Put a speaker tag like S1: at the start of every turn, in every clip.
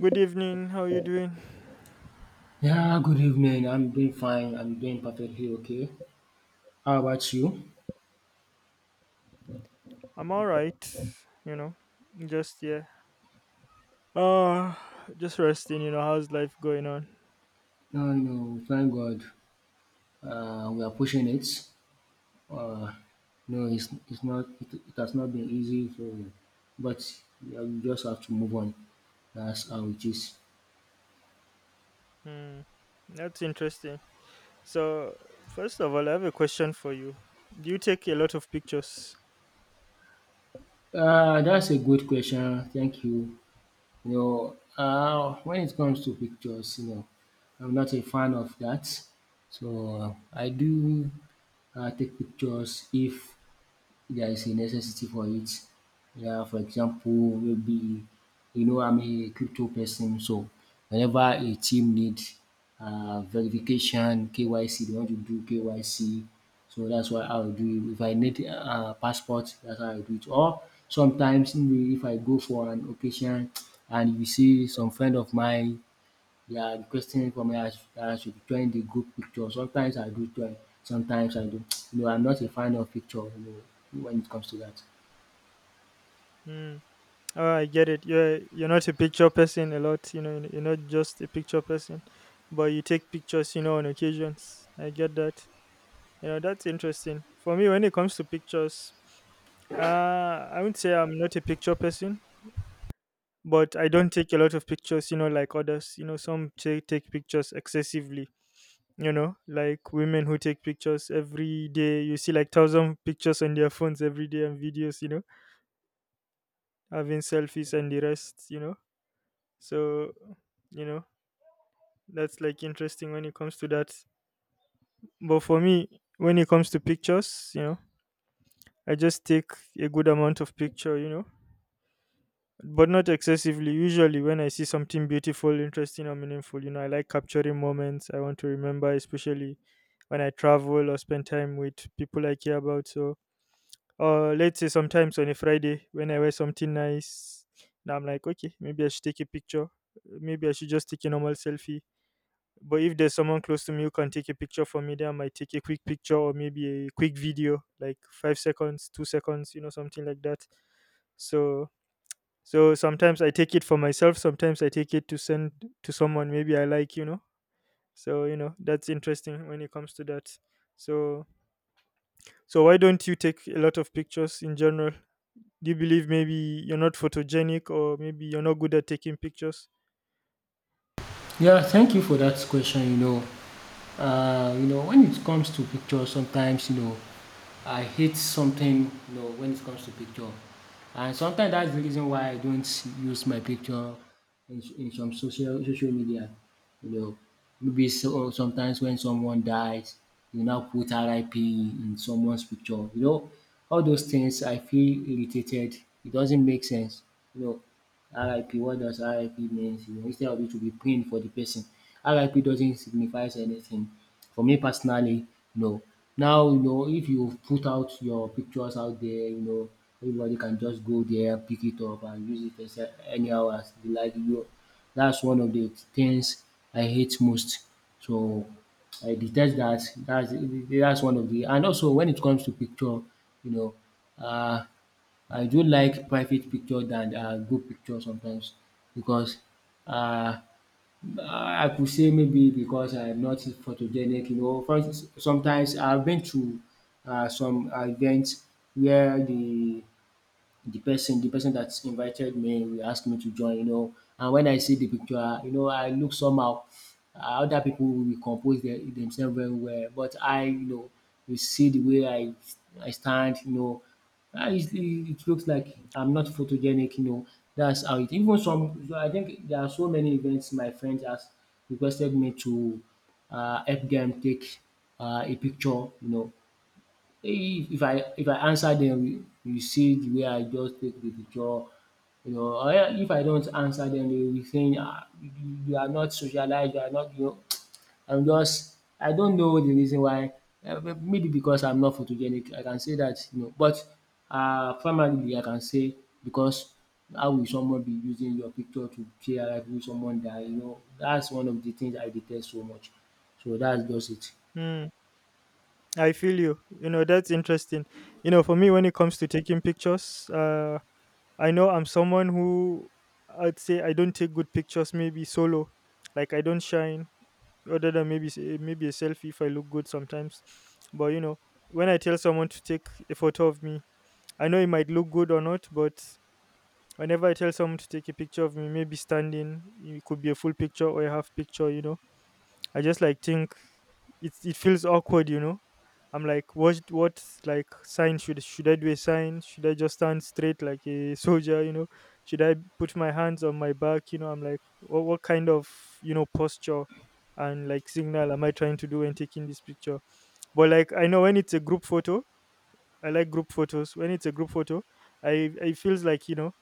S1: Good evening. How you doing?
S2: Yeah, good evening. I'm doing fine. I'm doing perfectly okay. How about you?
S1: I'm all right. You know, just yeah. Uh just resting. You know, how's life going on?
S2: No, no, thank God. We are pushing it. Uh, no, it's it's not. It has not been easy for, but yeah, we just have to move on. That's how it is.
S1: Hmm. That's interesting. So, first of all, I have a question for you. Do you take a lot of pictures?
S2: That's a good question. Thank you. You know, when it comes to pictures, you know, I'm not a fan of that. So I do take pictures if there is a necessity for it. Yeah, for example, maybe you know I'm a crypto person, so whenever a team need verification, KYC, they want to do KYC, so that's why I'll do. It. If I need passport, that's how I do it. Or sometimes maybe if I go for an occasion and you see some friend of mine they are requesting for me that I should join the group picture. Sometimes I do join, sometimes I don't. You know, I'm not a fan of picture, you know, when it comes to that.
S1: Hmm. Oh, I get it. You're not a picture person a lot. You know, you're not just a picture person, but you take pictures. You know, on occasions. I get that. You know, that's interesting. For me, when it comes to pictures, I would say I'm not a picture person, but I don't take a lot of pictures. You know, like others. You know, some take pictures excessively. You know, like women who take pictures every day. You see, like thousand pictures on their phones every day and videos. You know, having selfies and the rest. You know. So, you know, that's like interesting when it comes to that. But for me, when it comes to pictures, you know, I just take a good amount of picture, you know, but not excessively. Usually, when I see something beautiful, interesting, or meaningful, you know, I like capturing moments I want to remember, especially when I travel or spend time with people I care about. So, or let's say sometimes on a Friday when I wear something nice, now I'm like, okay, maybe I should take a picture. Maybe I should just take a normal selfie. But if there's someone close to me who can take a picture for me, then I might take a quick picture or maybe a quick video, like 5 seconds, 2 seconds, you know, something like that. So so sometimes I take it for myself, sometimes I take it to send to someone maybe I like, you know. So, you know, that's interesting when it comes to that. So so why don't you take a lot of pictures in general? Do you believe maybe you're not photogenic or maybe you're not good at taking pictures?
S2: Yeah, thank you for that question, you know. You know, when it comes to picture, sometimes, you know, I hate something, you know, when it comes to picture. And sometimes that's the reason why I don't use my picture in some social media. You know. Maybe so, sometimes when someone dies, you now put RIP in someone's picture. You know, all those things I feel irritated. It doesn't make sense. You know, RIP, what does RIP means? You know, instead of it to be praying for the person, RIP doesn't signify anything. For me personally, no. Now, you know, if you put out your pictures out there, you know, everybody can just go there, pick it up and use it as anyhow as they like. You know, that's one of the things I hate most. So I detest that. That's one of the and also when it comes to picture, you know, uh, I do like private picture than group picture sometimes because uh, I could say maybe because I'm not photogenic, you know. For, sometimes I've been to some events where the person that invited me we asked me to join, you know. And when I see the picture, you know, I look somehow. Other people will compose their themselves very well, but I, you know, you see the way I stand, you know, it looks like I'm not photogenic, you know. That's how it. Even some, I think there are so many events my friends has requested me to help them take a picture, you know. If I answer dem you see the way I just take the picture you know or if I don't answer dem they will be saying you are not socialized, you are not you know I'm just I don't know the reason why maybe because I'm not photogenic I can say that you know but primarily I can say because how will someone be using your picture to share life with someone that you know. That's one of the things I detest so much so that's just it.
S1: Mm, I feel you. You know, that's interesting. You know, for me, when it comes to taking pictures, I know I'm someone who I'd say I don't take good pictures. Maybe solo, like I don't shine. Other than maybe maybe a selfie if I look good sometimes. But you know, when I tell someone to take a photo of me, I know it might look good or not, but whenever I tell someone to take a picture of me, maybe standing, it could be a full picture or a half picture, you know. I just like think it feels awkward, you know. I'm like, what like sign should I do a sign? Should I just stand straight like a soldier, you know? Should I put my hands on my back? You know, I'm like, what kind of, you know, posture and like signal am I trying to do when taking this picture? But like I know when it's a group photo, I like group photos. When it's a group photo, I feels like, you know,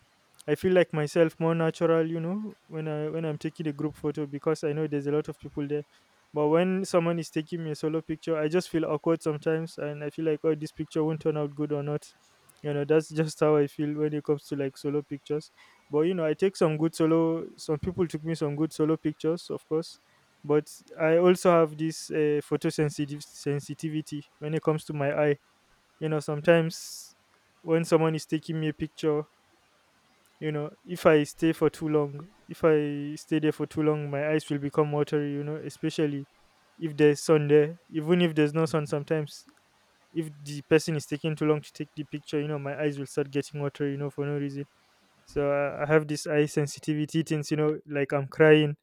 S1: I feel like myself more natural, you know, when I when I'm taking a group photo because I know there's a lot of people there. But when someone is taking me a solo picture, I just feel awkward sometimes, and I feel like, oh, this picture won't turn out good or not. You know, that's just how I feel when it comes to like solo pictures. But you know, I take some good solo. Some people took me some good solo pictures, of course. But I also have this photosensitive sensitivity when it comes to my eye. You know, sometimes when someone is taking me a picture, you know, if I stay for too long if I stay there for too long my eyes will become watery, you know, especially if there's sun there, even if there's no sun sometimes, if the person is taking too long to take the picture, you know, my eyes will start getting watery, you know, for no reason. I have this eye sensitivity things, you know, like I'm crying.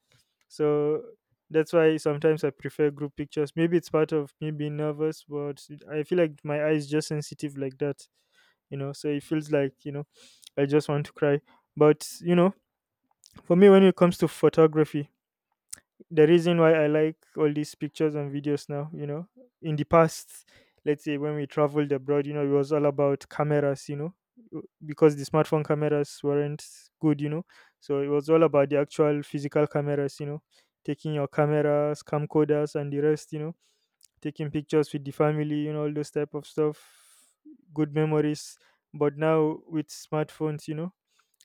S1: So that's why sometimes I prefer group pictures. Maybe it's part of me being nervous, but I feel like my eyes just sensitive like that, you know. So it feels like, you know, I just want to cry. But you know, for me, when it comes to photography, the reason why I like all these pictures and videos now, you know, in the past, let's say when we traveled abroad, you know, it was all about cameras, you know, because the smartphone cameras weren't good, you know, so it was all about the actual physical cameras, you know, taking your cameras, camcorders, and the rest, you know, taking pictures with the family, you know, all those type of stuff, good memories. But now with smartphones, you know,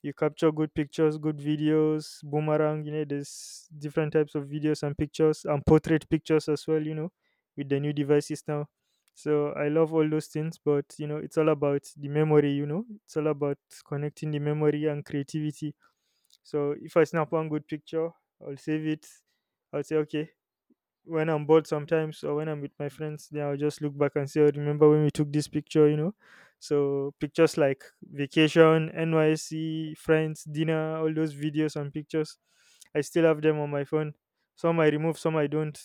S1: you capture good pictures, good videos, boomerang, you know, there's different types of videos and pictures and portrait pictures as well, you know, with the new devices now. So I love all those things, but you know, it's all about the memory, you know, it's all about connecting the memory and creativity. So if I snap one good picture, I'll save it. I'll say, okay, when I'm bored sometimes or when I'm with my friends, then I'll just look back and say, oh, remember when we took this picture, you know? So pictures like vacation, NYC, friends, dinner, all those videos and pictures, I still have them on my phone. Some I remove, some I don't.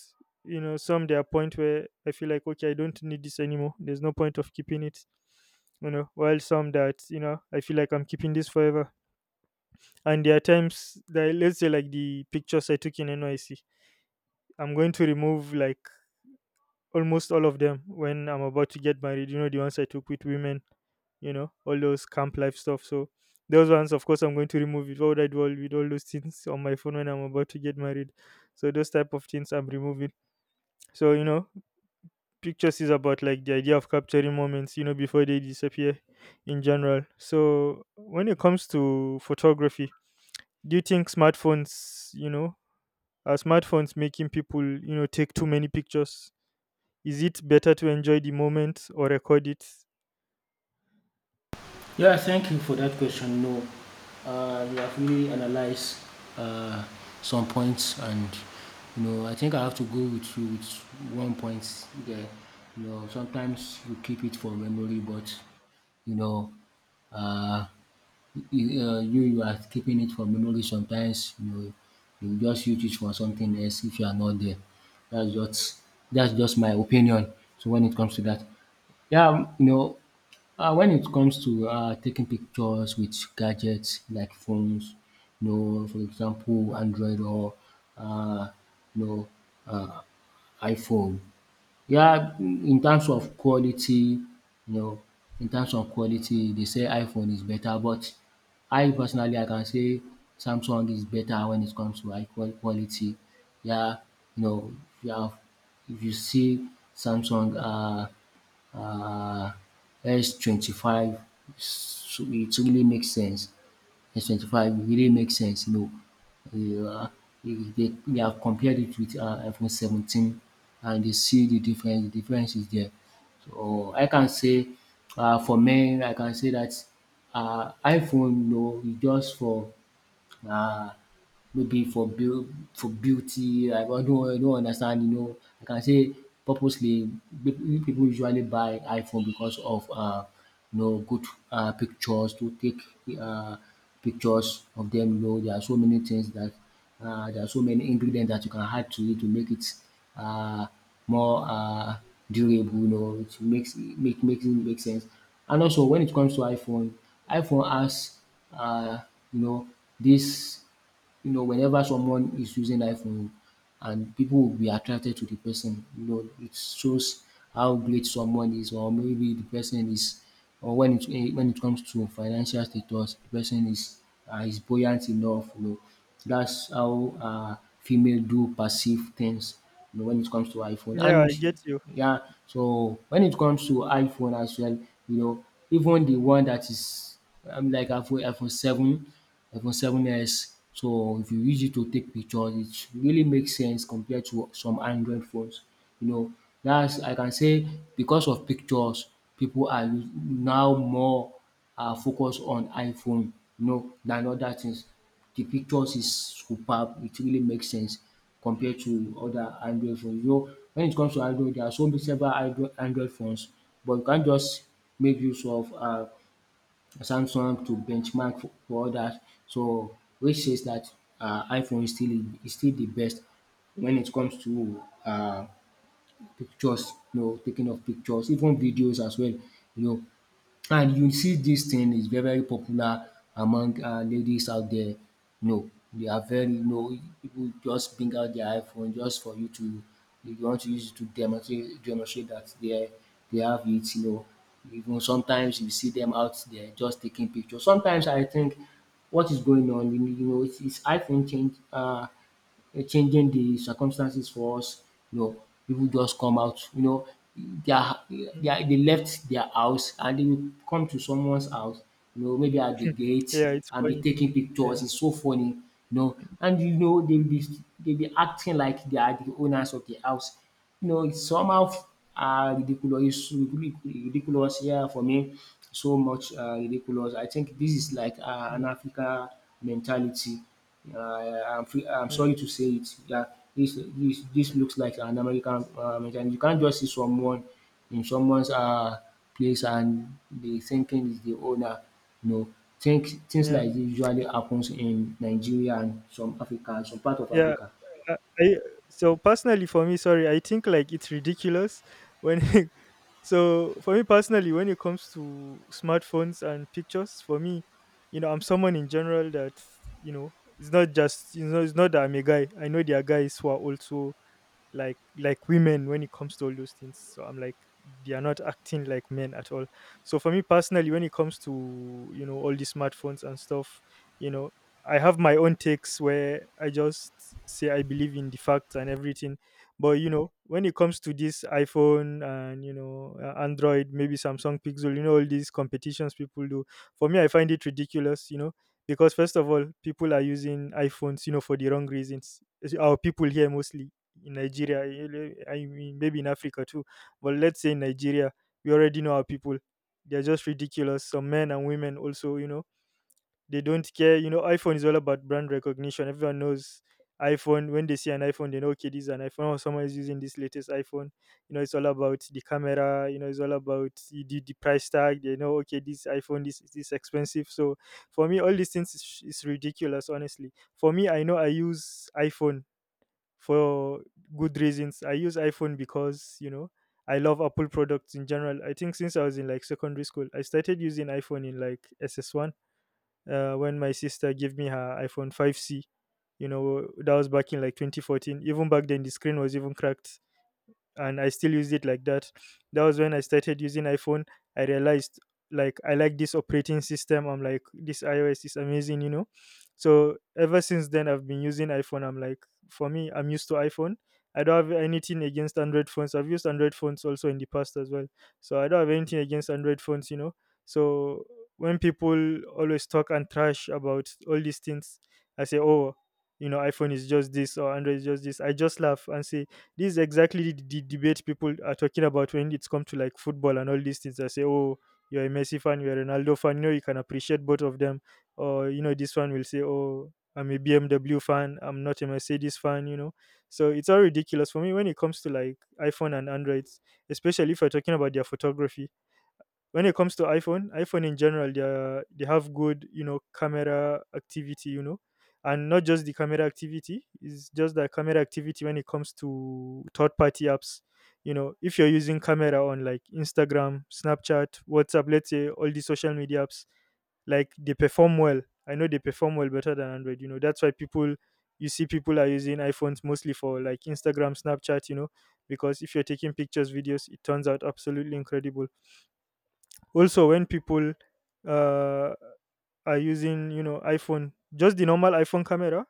S1: You know, some there are point where I feel like, okay, I don't need this anymore. There's no point of keeping it. You know, while some that, you know, I feel like I'm keeping this forever. And there are times that, let's say, like the pictures I took in NYC, I'm going to remove like almost all of them when I'm about to get married. You know, the ones I took with women, you know, all those camp life stuff. So those ones, of course, I'm going to remove it. What would I do with all those things on my phone when I'm about to get married? So those type of things I'm removing. So you know, pictures is about like the idea of capturing moments, you know, before they disappear, in general. So when it comes to photography, do you think smartphones, you know, are smartphones making people, you know, take too many pictures? Is it better to enjoy the moment or record it?
S2: Yeah, thank you for that question. No, you have really analyzed uh, some points, and you know, I think I have to go with you with one point there. You know, sometimes you keep it for memory, but you know, uh, you are keeping it for memory. Sometimes you know, you just use it for something else if you are not there. That's just that's just my opinion. So when it comes to that. Yeah, you know, when it comes to taking pictures with gadgets like phones, you know, for example, Android or, uh, you know, uh, iPhone, where in terms of quality, you know, in terms of quality dey say iPhone is beta but I personally I can say Samsung is beta wen it comes to quality where you know where if you see Samsung um S 25 so it really make sense. S 25, really makes sense, you know. Uh, they have compared it with iPhone 17 and they see the difference is there. So I can say for men I can say that, iPhone you know is just for uh maybe for beau for beauty, I don't understand, you know, I can say purposely pe- people usually buy iPhone because of you know good pictures to take uh pictures of them, you know, there are so many things that there are so many ingredients that you can add to it to make it uh more durable, you know, it makes make makes it make sense. And also when it comes to iPhone, iPhone has uh you know this you know, whenever someone is using iPhone and people will be attracted to the person, you know, it shows how great someone is or maybe the person is or when it when it comes to financial status, the person is buoyant enough, you know. That's how female do perceive things, you know, when it comes to iPhone.
S1: Yeah, I
S2: And
S1: get you.
S2: yeah, so when it comes to iPhone as well, you know, even the one that is I'm like iPhone 7, iPhone Seven S. So if you use it to take pictures, it really makes sense compared to some Android phones. You know, that's I can say because of pictures, people are now more are focused on iPhone, you know, than other things. The pictures is superb. It really makes sense compared to other Android phones. You know, when it comes to Android, there are so many several Android phones, but you can't just make use of Samsung to benchmark for others. So which says that iPhone is still the best when it comes to pictures, you know, taking of pictures, even videos as well, you know. And you see this thing is very popular among ladies out there. No, they are very. No, people just bring out their iPhone just for you to you want to use it to demonstrate that they have it you know. Even sometimes you see them out there just taking pictures. Sometimes I think what is going on you know it's iPhone change changing the circumstances for us, you know, people just come out, you know, they their
S1: Mm.
S2: they are they left their house and they will come to someone's house, you know, maybe at the gate
S1: Yeah, it's
S2: and be
S1: funny.
S2: taking
S1: Yeah.
S2: pictures. It's so funny, you know, and you know
S1: Mm,
S2: they'll be acting like they are the owners of the house. You know, it's somehow ridiculous, ridiculous, yeah, for me, so much ridiculous. I think this is like
S1: mm,
S2: an Africa mentality. Uh, I'm
S1: mm.
S2: sorry to say it. Yeah, this looks like an American and you can't just see someone in someone's place and be thinking is the owner. No, think things
S1: Yeah.
S2: like this usually happens in Nigeria and some Africa, some part of
S1: Yeah.
S2: Africa.
S1: I so personally for me, sorry, I think like it's ridiculous when so for me personally when it comes to smartphones and pictures, for me, you know, I'm someone in general that, you know, it's not just, you know, it's not that I'm a guy. I know there are guys who are also like women when it comes to all those things, so I'm like they are not acting like men at all. So for me personally when it comes to, you know, all these smartphones and stuff, you know, I have my own takes where I just say I believe in the facts and everything. But you know when it comes to this iphone and, you know, android, maybe samsung, pixel, you know, all these competitions people do, for me I find it ridiculous, you know, because first of all people are using iphones, you know, for the wrong reasons. It's our people here mostly in Nigeria, I mean, maybe in Africa too, but let's say in Nigeria, we already know our people. They're just ridiculous. Some men and women also, you know, they don't care. You know, iPhone is all about brand recognition. Everyone knows iPhone. When they see an iPhone, they know, okay, this is an iPhone. Or someone is using this latest iPhone. You know, it's all about the camera. You know, it's all about the price tag. They know, okay, this iPhone, this expensive. So for me, all these things is ridiculous, honestly. For me I know I use iphone for good reasons. I use iPhone because, you know, I love Apple products in general. I think since I was in like secondary school, I started using iPhone in like SS1, when my sister gave me her iPhone 5C. You know, that was back in like 2014. Even back then, the screen was even cracked and I still used it like that. That was when I started using iPhone. I realized like I like this operating system. I'm like this iOS is amazing, you know. So ever since then I've been using iPhone. I'm like for me I'm used to iPhone. I don't have anything against Android phones. I've used Android phones also in the past as well. So I don't have anything against Android phones, you know. So when people always talk and trash about all these things, I say, oh, you know, iPhone is just this or Android is just this. I just laugh and say, this is exactly the debate people are talking about when it's come to like football and all these things. They say, oh, you're a Messi fan, you're a Ronaldo fan. You know, you can appreciate both of them. Or you know, this one will say, oh, I'm a BMW fan. I'm not a Mercedes fan. You know, so it's all ridiculous for me when it comes to like iPhone and Androids, especially if you're talking about their photography. When it comes to iPhone in general they have good, you know, camera activity, you know. And not just the camera activity, it's just the camera activity when it comes to third party apps. You know, if you're using camera on like Instagram, Snapchat, WhatsApp, let's say all the social media apps, like they perform well. I know they perform well, better than Android, you know. That's why people, you see people are using iPhones mostly for like Instagram, Snapchat, you know, because if you're taking pictures, videos, it turns out absolutely incredible. Also, when people uh, are using, you know, iPhone, just the normal iPhone camera,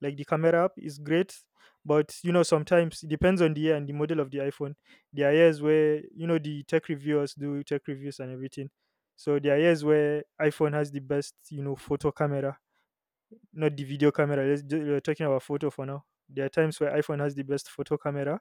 S1: like the camera app is great, but you know, sometimes it depends on the year and the model of the iPhone. There are years where you know the tech reviewers do tech reviews and everything. So there are years where iPhone has the best, you know, photo camera, not the video camera. We're talking about photo for now. There are times where iPhone has the best photo camera,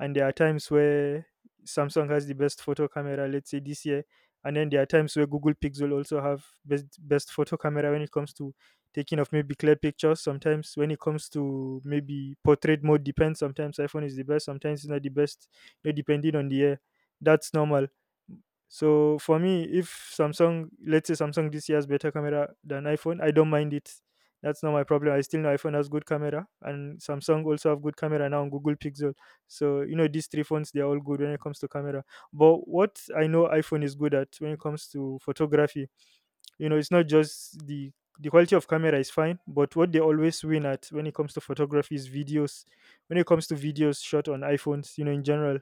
S1: and there are times where Samsung has the best photo camera, let's say this year, and then there are times where Google Pixel also have best photo camera when it comes to taking of maybe clear pictures. Sometimes when it comes to maybe portrait mode, depends. Sometimes iPhone is the best, sometimes it's not the best. You know, depending on the year, that's normal. So for me, if Samsung, let's say Samsung this year has better camera than iPhone, I don't mind it. That's not my problem. I still know iPhone has good camera, and Samsung also have good camera now on Google Pixel. So you know these three phones, they are all good when it comes to camera. But what I know iPhone is good at when it comes to photography, you know, it's not just the quality of camera is fine, but what they always win at when it comes to photography is videos. When it comes to videos shot on iPhones, you know, in general,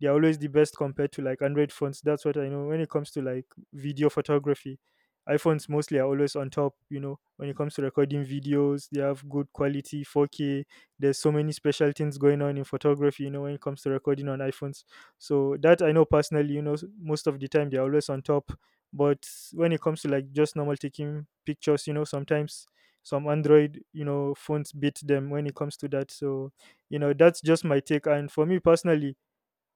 S1: they're always the best compared to like Android phones. That's what I know when it comes to like video photography. iPhones mostly are always on top, you know. When it comes to recording videos, they have good quality, 4K. There's so many special things going on in photography, you know, when it comes to recording on iPhones. So that I know personally, you know, most of the time they're always on top. But when it comes to like just normal taking pictures, you know, sometimes some Android, you know, phones beat them when it comes to that. So you know, that's just my take, and for me personally,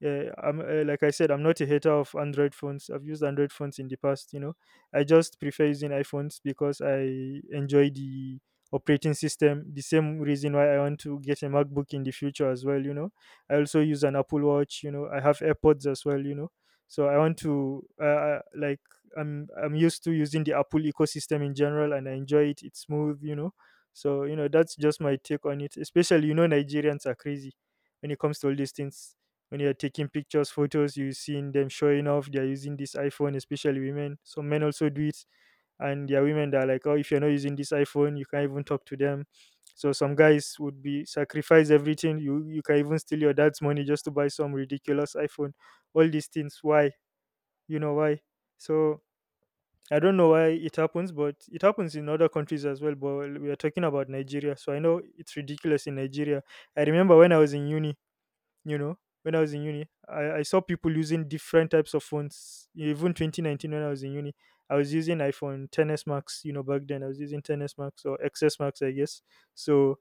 S1: yeah, I'm like I said, I'm not a hater of Android phones. I've used Android phones in the past, you know. I just prefer using iPhones because I enjoy the operating system. The same reason why I want to get a MacBook in the future as well, you know. I also use an Apple Watch, you know. I have AirPods as well, you know. So I want to like I'm used to using the Apple ecosystem in general, and I enjoy it. It's smooth, you know. So you know that's just my take on it. Especially, you know, Nigerians are crazy when it comes to all these things. When you're taking pictures, photos, you're seeing them showing off. They're using this iPhone, especially women. Some men also do it, and there are women that are like, oh, if you're not using this iPhone, you can't even talk to them. So some guys would be sacrifice everything. You can even steal your dad's money just to buy some ridiculous iPhone. All these things. Why? You know why? So I don't know why it happens, but it happens in other countries as well. But we are talking about Nigeria, so I know it's ridiculous in Nigeria. I remember when I was in uni, you know, when I was in uni I saw people using different types of phones even 2019. When I was in uni I was using iPhone 10s Max, you know, back then I was using 10s Max or XS Max I guess. So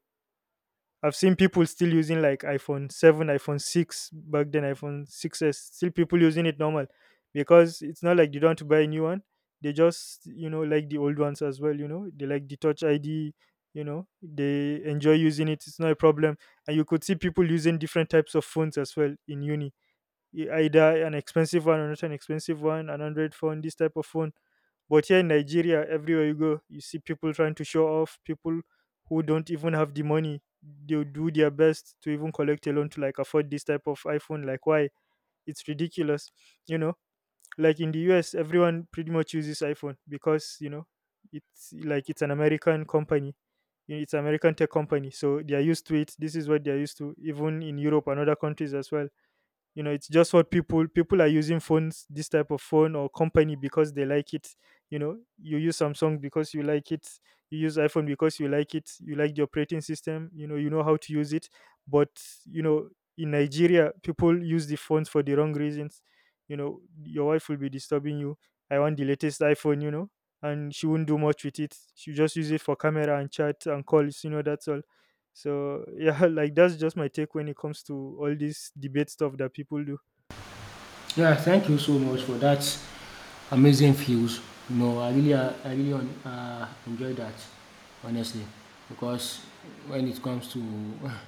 S1: I've seen people still using like iPhone 7, iPhone 6, back then iPhone 6s, still people using it normal because it's not like they don't want to buy a new one. They just, you know, like the old ones as well, you know. They like the Touch ID, you know, they enjoy using it. It's not a problem. And you could see people using different types of phones as well in uni, either an expensive one or not an expensive one, an Android phone, this type of phone. But here in Nigeria, everywhere you go, you see people trying to show off, people who don't even have the money. They'll do their best to even collect a loan to like afford this type of iPhone. Like, why? It's ridiculous. You know, like in the US, everyone pretty much uses iPhone because, you know, it's like it's an American company. You know, it's an American tech company. So they are used to it. This is what they are used to, even in Europe and other countries as well. You know, it's just what people, are using phones, this type of phone or company, because they like it. You know, you use Samsung because you like it, you use iPhone because you like it, you like the operating system, you know, you know how to use it. But, you know, in Nigeria people use the phones for the wrong reasons. You know, your wife will be disturbing you, I want the latest iPhone, you know. And she won't do much with it, she just use it for camera and chat and calls, you know, that's all. So yeah, like that's just my take when it comes to all this debate stuff that people do.
S2: Yeah, thank you so much for that amazing views. No, I really, I really enjoy that, honestly, because when it comes to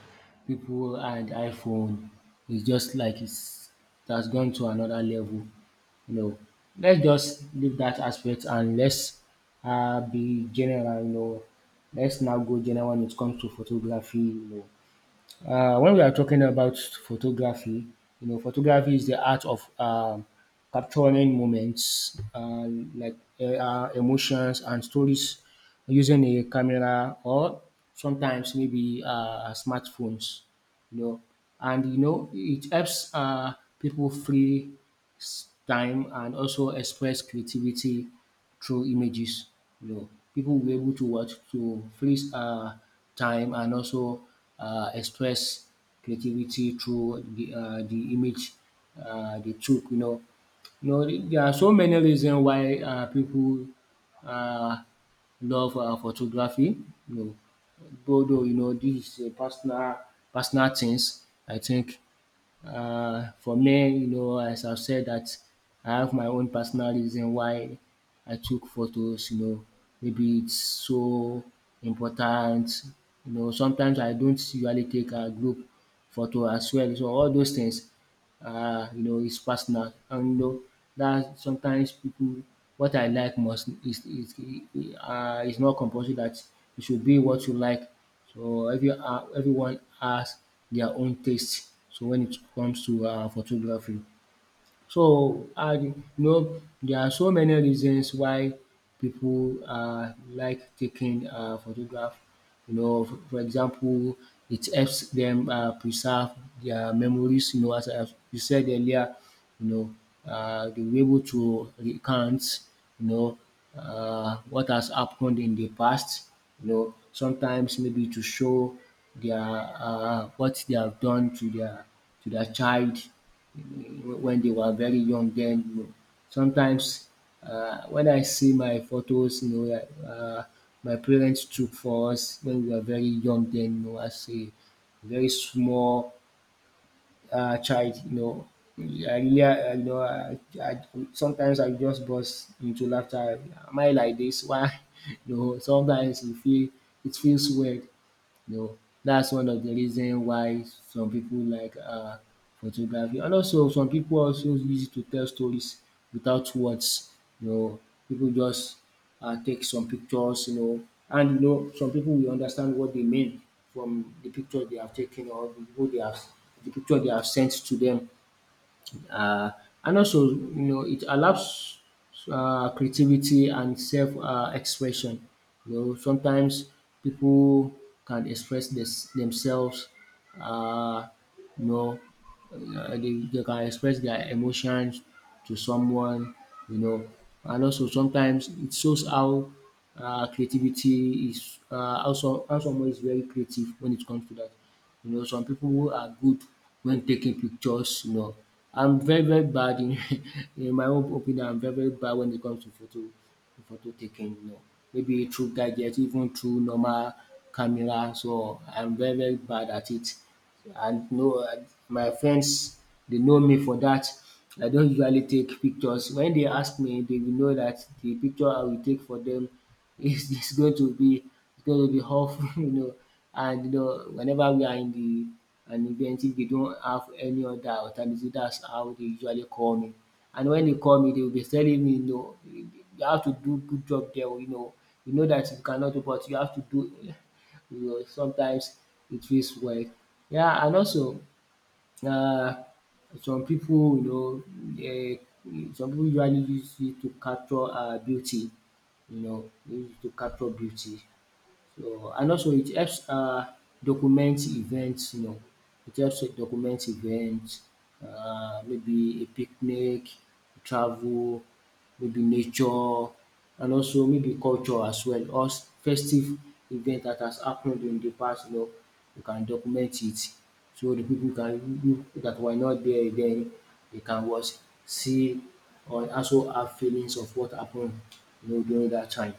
S2: people and iPhone, it's just like it's that's gone to another level. You know, let's just leave that aspect and let's be general. You know, let's now go general when it comes to photography. You know, when we are talking about photography, you know, photography is the art of capturing moments like emotions and stories using a camera or sometimes maybe smartphones, you know, and you know it helps people free time and also express creativity through images. You know, people will be able to watch to freeze time and also express creativity through the image they took. You know there are so many reasons why people uh, love photography. You know, although you know this is a personal things. I think. For me, you know, as I've said that I have my own personal reason why I took photos, you know, maybe it's so important. You know, sometimes I don't usually take a group photo as well. So all those things you know, it's personal. And you know that sometimes people, what I like most is it's not compulsory that it should be what you like. So every everyone has their own taste. So when it comes to photography. So, I you know there are so many reasons why people like taking photograph. You know for example it helps them preserve their memories, you know, as you said earlier, you know, they were able to recount, you know, what has happened in the past, you know, sometimes maybe to show their, what they have done to their, to their child when they were very young, then you know sometimes, when I see my photos, you know, um my parents took for us when we were very young, then you know, as a very small child, you know, I really I you know I sometimes I just burst into laughter. Am I like this? Why? You know sometimes e feel it feels weird. You know, that's one of the reason why some people like photography, and also some people also use it to tell stories without words. You know, people just take some pictures, you know, and you know some people will understand what they mean from the picture they have taken, or the people they have, the picture they have sent to them, uh, and also you know it allows creativity and self expression. You know sometimes people can express this, themselves. Uh, you know they can express their emotions to someone. You know, and also sometimes it shows how creativity is, how someone is very creative when it comes to that. You know, some people who are good when taking pictures, you know. I'm very very bad in in my own opinion, I'm very very bad when it comes to photo taking, you know. Maybe through gadgets, even through normal camera, so I'm very very bad at it. And no, know, my friends they know me for that. I don't usually take pictures. When they ask me, they will know that the picture I will take for them it's going to be, it's going to be awful, you know. And you know, whenever we are in the, an event, if they don't have any other alternative, that's how they usually call me. And when they call me, they will be telling me, you know, you have to do good job there, you know. You know that you cannot do, but you have to do. You know, sometimes it feels well. Yeah, and also, Na, some pipu, you know, some pipu usually use it to capture beauty, you know, use it to capture beauty. So and also it helps document events, you know, it helps to document events, maybe a picnic, travel, maybe nature, and also maybe culture as well, or festive event that has happened in the past, you know, you can document it so the people can, you dat were not there then, they can watch, see, or also have feelings of what happened, you know, during that time.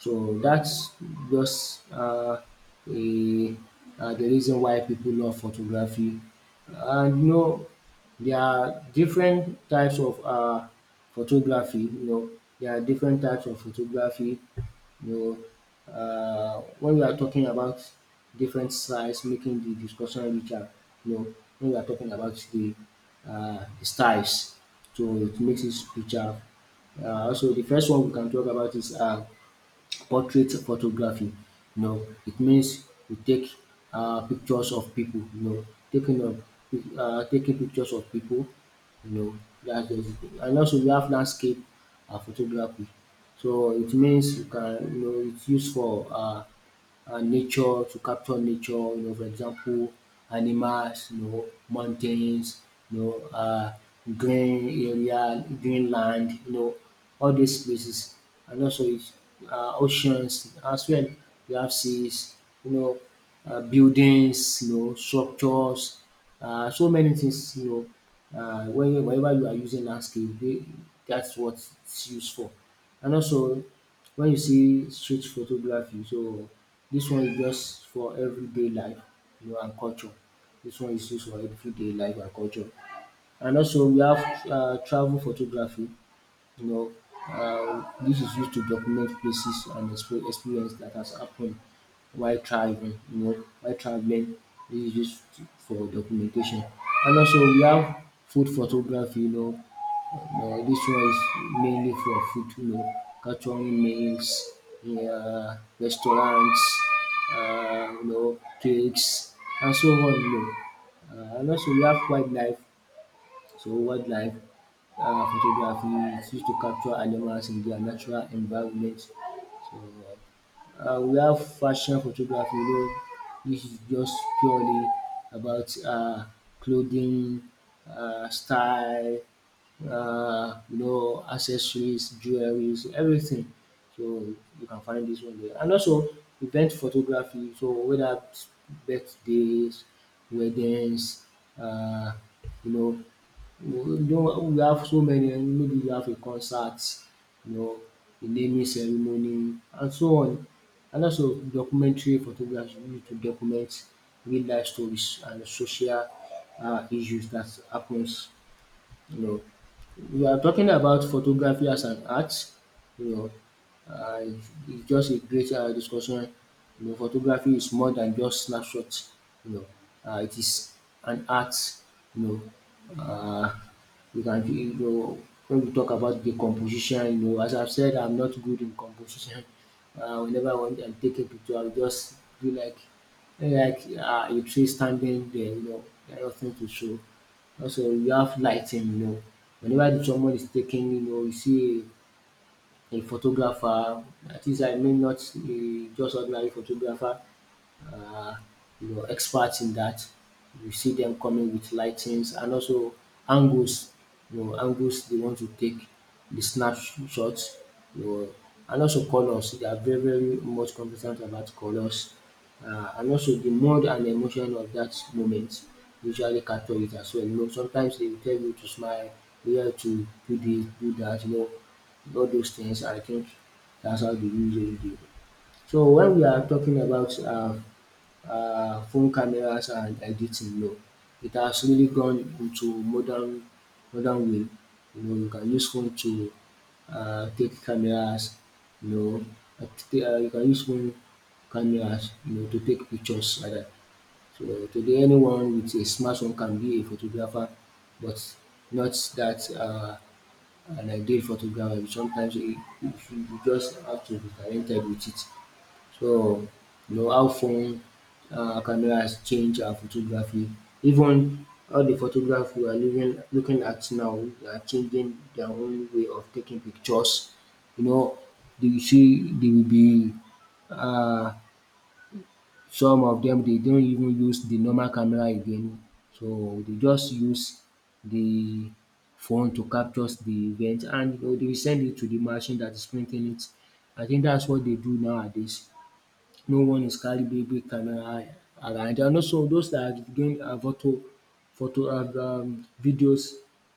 S2: So that's just a the reason why people love photography. And you know there are different types of photography, you know, there are different types of photography, you know, when we are talking about different styles making the discussion richer, you know, when we are talking about the styles, so it makes it richer. Also the first one we can talk about is portrait photography, you know, it means you take pictures of people, you know, taking of taking pictures of people, you know, that's just it. And also we have landscape photography. So it means you can, you know, it's used for nature, to capture nature. You know, for example, animals. You know, mountains. You know, green area, green land. You know, all these places, and also it's, oceans as well. You have seas. You know, buildings. You know, structures. So many things. You know, whenever you are using landscape, they, that's what it's used for. And also, when you see street photography, so this one is just for everyday life, you know, and culture. This one is use for everyday life and culture. And also we have travel photography, you know, this is used to document places and experience that has happened while travelling, you know, while travelling this is use for documentation. And also we have food photography, you know, this one is mainly for food, you know, catering meals, yeah, restaurants, you know, cakes, and so on, you know. And also, we have wildlife. So, wildlife photography is used to capture animals in their natural environment. So, uh, we have fashion photography, you know, which is just purely about clothing, style, you know, accessories, jewelries, everything. So you can find this one there. And also event photography, so whether it's birthdays, weddings, uh, you know, we don't we have so many, and maybe you have a concert, you know, a naming ceremony and so on. And also documentary photography used to document real life stories and social issues that happens, you know. We are talking about photography as an art, you know, it's just a great discussion. You know, photography is more than just snapshot. You know, it is an art. You know, uh, you know when we talk about the composition. You know, as I've said, I'm not good in composition. Whenever I want and take a picture, I'll just do like a tree standing there. You know, there are nothing to show. Also, you have lighting, you know. Whenever someone is taking, you know, you see a photographer. That is, I mean, not a just ordinary photographer, uh, you know, experts in that. You see them coming with lightings, and also angles, you know, angles they want to take, the snapshots, you know, and also colors. They are very, very much competent about colors. And also the mood and emotion of that moment usually capture it as well. You know, sometimes they will tell you to smile, you have to do this, do that, you know, all those things. I think that's how they usually do. So when we are talking about phone cameras and editing, no, it has really gone into modern way. You know, you can use phone to take cameras. You know, you can use phone cameras. You know, to take pictures like that. So today, anyone with a smartphone can be a photographer, but not that. And I did photography. Sometimes you just have to be talented with it. So, you know how phone cameras change our photography. Even all the photograph we are living looking at now, they are changing their own way of taking pictures. You know, they will be um some of dem dey not even use the normal camera again. So they just use the phone to captures the event, and you know, they will send it to the machine that is printing it. I think that's what they do nowadays. No one is carry big big camera around, and also those that are doing photo and videos,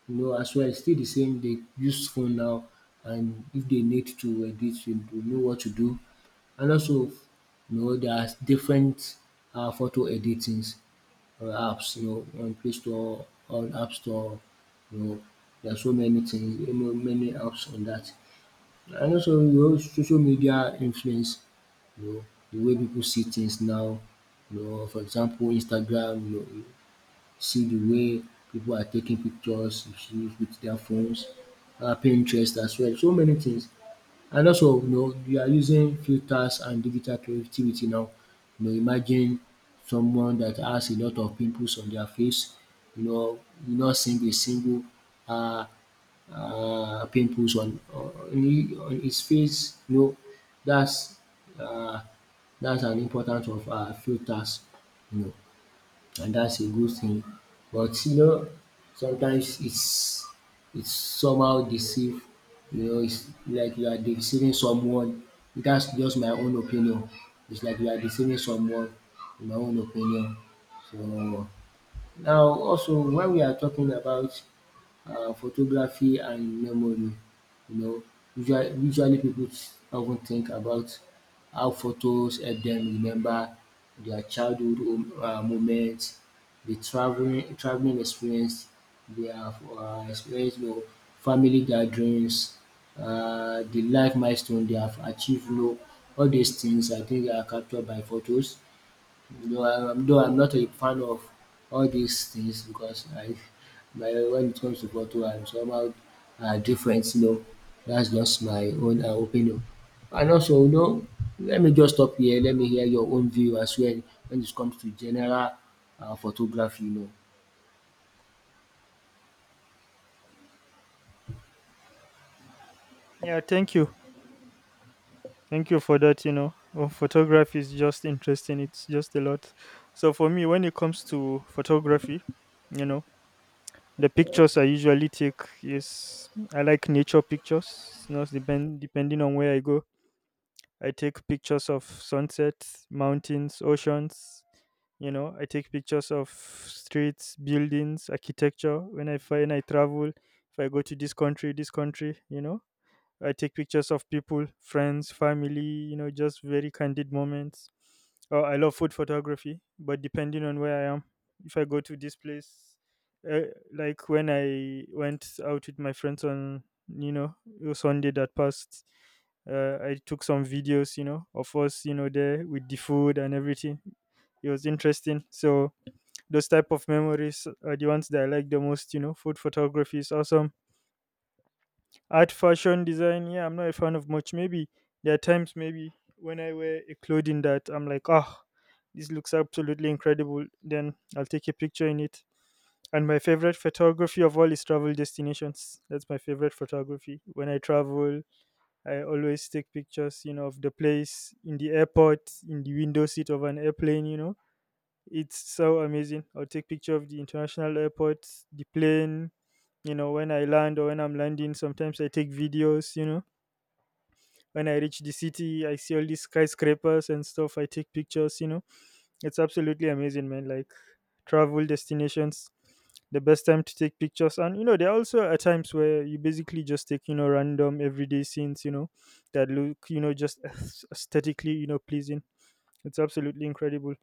S2: you know, as well, still the same, they use phone now, and if they need to edit, you know what to do. And also, you know, there's different photo editing or apps, you know, on Play Store, on App Store, you know, there are so many things, you know, many apps on that. And also, you know, social media influence, you know, the way people see things now. You know, for example, Instagram, you know, you see the way people are taking pictures you with their phones, Pinterest as well, so many things. And also, you know, you are using filters and digital creativity now. You know, imagine someone that has a lot of pimples on their face, you know, you not seeing a single uh, pimples on, on his face. You know, that's uh, that's an importance of filters. You know, and that's a good thing. But you know, sometimes it's somehow deceive. You know, it's like you are deceiving someone. That's just my own opinion. It's like you are deceiving someone. In my own opinion, so. Now also when we are talking about photography and memory, you know, usually pipu of think about how photos help them remember their childhood moment, the travelling experience, their experience, you know, family gatherings, the life milestone they have achieved, you know, all these things I think are captured by photos. No, I, I'm though I'm not a fan of all these things because I my when it comes to bottle, I'm somehow different, you know. That's just my own opinion. And also, you know, let me just stop here. Let me hear your own view as well when it comes to general photography, you know.
S1: Yeah, thank you. Thank you for that, you know. Oh, photography is just interesting. It's just a lot. So for me when it comes to photography, you know, the pictures I usually take is I like nature pictures, you know, depending on where I go. I take pictures of sunsets, mountains, oceans, you know. I take pictures of streets, buildings, architecture when I travel, if I go to this country, you know. I take pictures of people, friends, family, you know, just very candid moments. Oh, I love food photography, but depending on where I am, if I go to this place, uh, like when I went out with my friends on, you know, Sunday that passed, I took some videos, you know, of us, you know, there with the food and everything. It was interesting. So those type of memories are the ones that I like the most, you know. Food photography is awesome. Art, fashion design, yeah, I'm not a fan of much. Maybe there are times maybe when I wear a clothing that I'm like, oh, this looks absolutely incredible. Then I'll take a picture in it. And my favorite photography of all is travel destinations. That's my favorite photography. When I travel, I always take pictures, you know, of the place in the airport, in the window seat of an airplane, you know. It's so amazing. I'll take picture of the international airport, the plane, you know, when I land or when I'm landing. Sometimes I take videos, you know, when I reach the city, I see all these skyscrapers and stuff. I take pictures, you know. It's absolutely amazing, man. Like travel destinations, the best time to take pictures. And, you know, there are also at times where you basically just take, you know, random everyday scenes, you know, that look, you know, just aesthetically, you know, pleasing. It's absolutely incredible.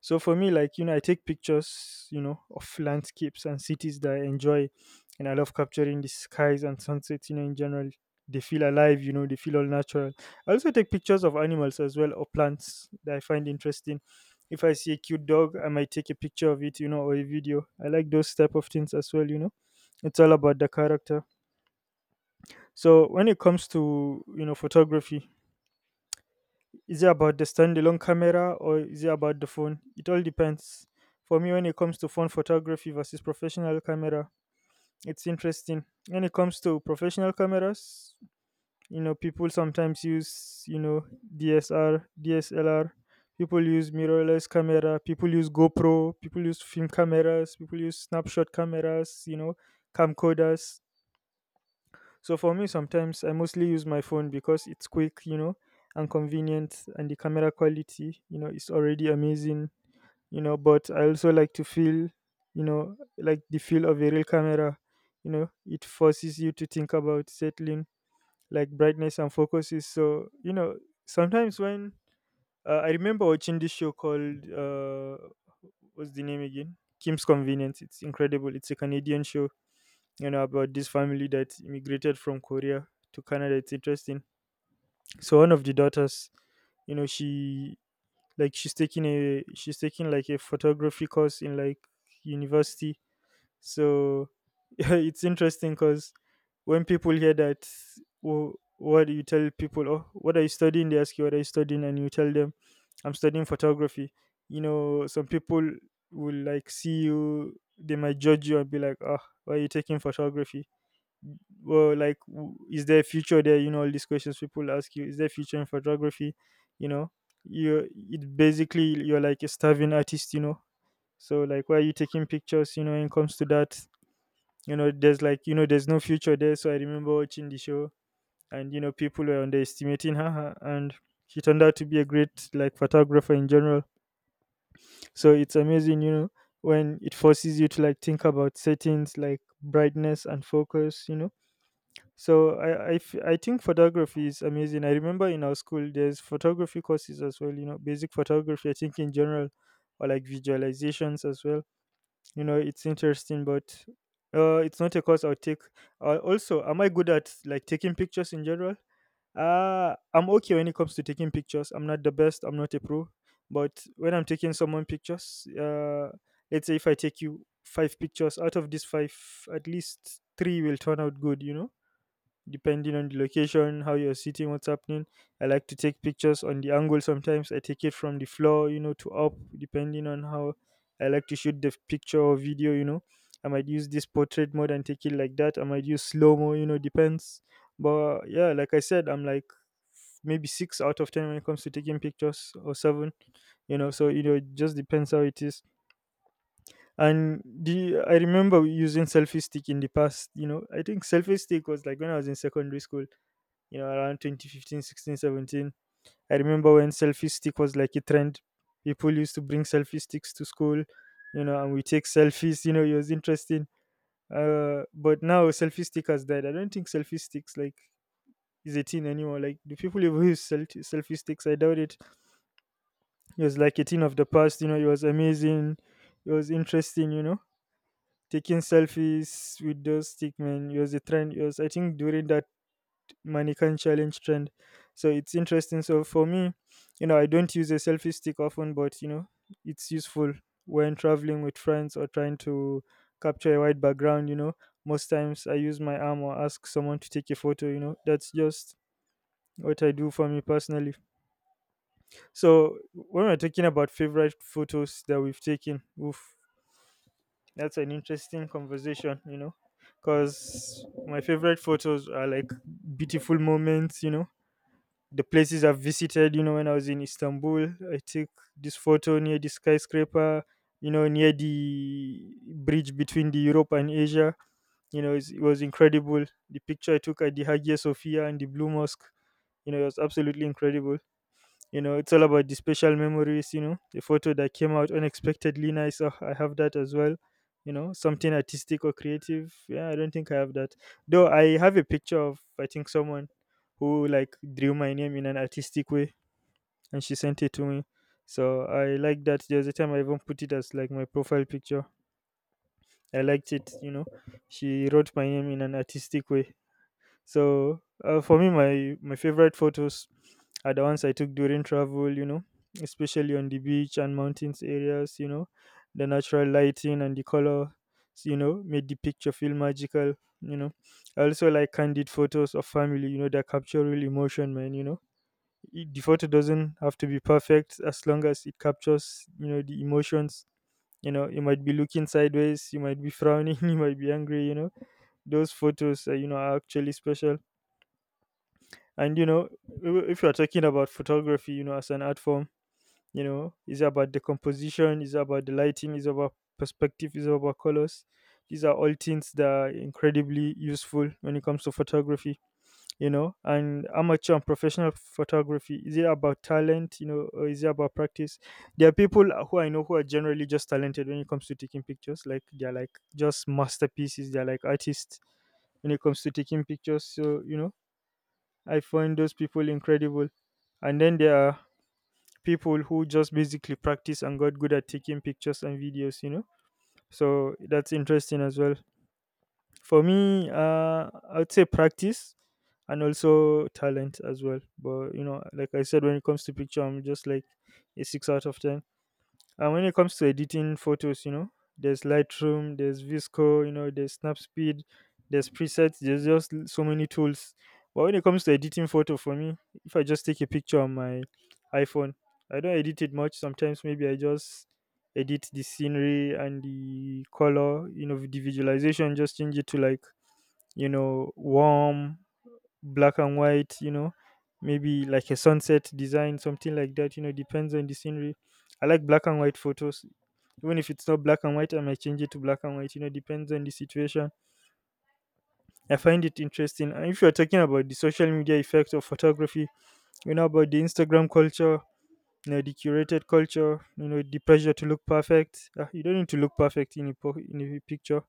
S1: So for me, like, you know, I take pictures, you know, of landscapes and cities that I enjoy. And I love capturing the skies and sunsets, you know, in general. They feel alive, you know, they feel all natural. I also take pictures of animals as well, or plants that I find interesting. If I see a cute dog, I might take a picture of it, you know, or a video. I like those type of things as well, you know. It's all about the character. So when it comes to, you know, photography, is it about the standalone camera or is it about the phone? It all depends. For me, when it comes to phone photography versus professional camera, it's interesting. When it comes to professional cameras, you know, people sometimes use, you know, DSR, DSLR. People use mirrorless camera. People use GoPro. People use film cameras. People use snapshot cameras. You know, camcorders. So for me, sometimes I mostly use my phone because it's quick, you know, and convenient, and the camera quality, you know, is already amazing, you know. But I also like to feel, you know, like the feel of a real camera, you know, it forces you to think about settling, like brightness and focuses. So you know, sometimes when I remember watching this show called what's the name again? Kim's Convenience. It's incredible. It's a Canadian show, you know, about this family that immigrated from Korea to Canada. It's interesting. So one of the daughters, you know, she, like she's taking like a photography course in like university. So it's interesting because when people hear that, wh- what do you tell people? Oh, what are you studying? They ask you, what are you studying, and you tell them, I'm studying photography. You know, some people will like see you. They might judge you and be like, "Oh, why are you taking photography?" Well, like, is there future there? You know, all these questions people ask you, is there future in photography? You know, you, it basically, you're like a starving artist, you know. So like, why are you taking pictures? You know, when it comes to that, you know, there's like, you know, there's no future there. So I remember watching the show, and you know, people were underestimating her, and she turned out to be a great like photographer in general. So it's amazing, you know, when it forces you to like think about settings like brightness and focus, you know, so I think photography is amazing. I remember in our school there's photography courses as well. You know, basic photography. I think in general, or like visualizations as well. You know, it's interesting, but it's not a course I'll take. Also, am I good at like taking pictures in general? I'm okay when it comes to taking pictures. I'm not the best. I'm not a pro, but when I'm taking someone pictures, let's say if I take you five pictures, out of these five, at least three will turn out good. You know, depending on the location, how you're sitting, what's happening. I like to take pictures on the angle sometimes. I take it from the floor, you know, to up, depending on how I like to shoot the picture or video, you know. I might use this portrait mode and take it like that. I might use slow mo, you know, depends. But yeah, like I said, I'm like maybe six out of ten when it comes to taking pictures, or seven, you know. So, you know, it just depends how it is. And the, I remember using selfie stick in the past, you know. I think selfie stick was like when I was in secondary school, you know, around 2015, 16, 17. I remember when selfie stick was like a trend. People used to bring selfie sticks to school, you know, and we take selfies, you know, it was interesting. But now selfie stick has died. I don't think selfie sticks like is a thing anymore. Like, do people even use selfie sticks? I doubt it. It was like a thing of the past, you know, it was amazing. It was interesting, you know. Taking selfies with those stick, man, it was a trend. It was, I think, during that Mannequin challenge trend. So it's interesting. So for me, you know, I don't use a selfie stick often, but you know, it's useful when traveling with friends or trying to capture a white background. You know, most times I use my arm or ask someone to take a photo. You know, that's just what I do for me personally. So when we're talking about favorite photos that we've taken, oof, that's an interesting conversation. You know, because my favorite photos are like beautiful moments. You know, the places I've visited, you know, when I was in Istanbul, I took this photo near the skyscraper, you know, near the bridge between the Europe and Asia. You know, it was incredible. The picture I took at the Hagia Sophia and the Blue Mosque, you know, it was absolutely incredible. You know, it's all about the special memories, you know, the photo that came out unexpectedly nice. Oh, I have that as well. You know, something artistic or creative. Yeah, I don't think I have that. Though I have a picture of, I think, someone who like drew my name in an artistic way and she sent it to me. So I like that. There's a time I even put it as like my profile picture. I liked it, you know. She wrote my name in an artistic way. So for me, my favorite photos are the ones I took during travel. You know, especially on the beach and mountains areas. You know, the natural lighting and the color. You know, made the picture feel magical. You know, I also like candid photos of family. You know, that capture real emotion, man. You know, the photo doesn't have to be perfect as long as it captures, you know, the emotions. You know, you might be looking sideways, you might be frowning, you might be angry. You know, those photos, you know, are actually special, and you know, if you are talking about photography, you know, as an art form, you know, it's about the composition, it's about the lighting, it's about perspective, it's about colors. These are all things that are incredibly useful when it comes to photography, you know. And amateur and professional photography, is it about talent, you know, or is it about practice? There are people who I know who are generally just talented when it comes to taking pictures. Like, they're like just masterpieces, they're like artists when it comes to taking pictures. So, you know, I find those people incredible. And then there are people who just basically practice and got good at taking pictures and videos, you know? So that's interesting as well. For me, I would say practice and also talent as well. But, you know, like I said, when it comes to picture, I'm just like a 6 out of 10. And when it comes to editing photos, you know, there's Lightroom, there's Visco, you know, there's SnapSpeed, there's presets, there's just so many tools. But when it comes to editing photo for me, if I just take a picture on my iPhone, I don't edit it much. Sometimes maybe I just edit the scenery and the color, you know, the visualization, just change it to like, you know, warm, black and white, you know, maybe like a sunset design, something like that, you know, depends on the scenery. I like black and white photos. Even if it's not black and white, I might change it to black and white, you know, depends on the situation. I find it interesting. And if you're talking about the social media effect of photography, you know, about the Instagram culture, you know, the curated culture, you know, the pressure to look perfect. Ah, you don't need to look perfect in a, in a picture,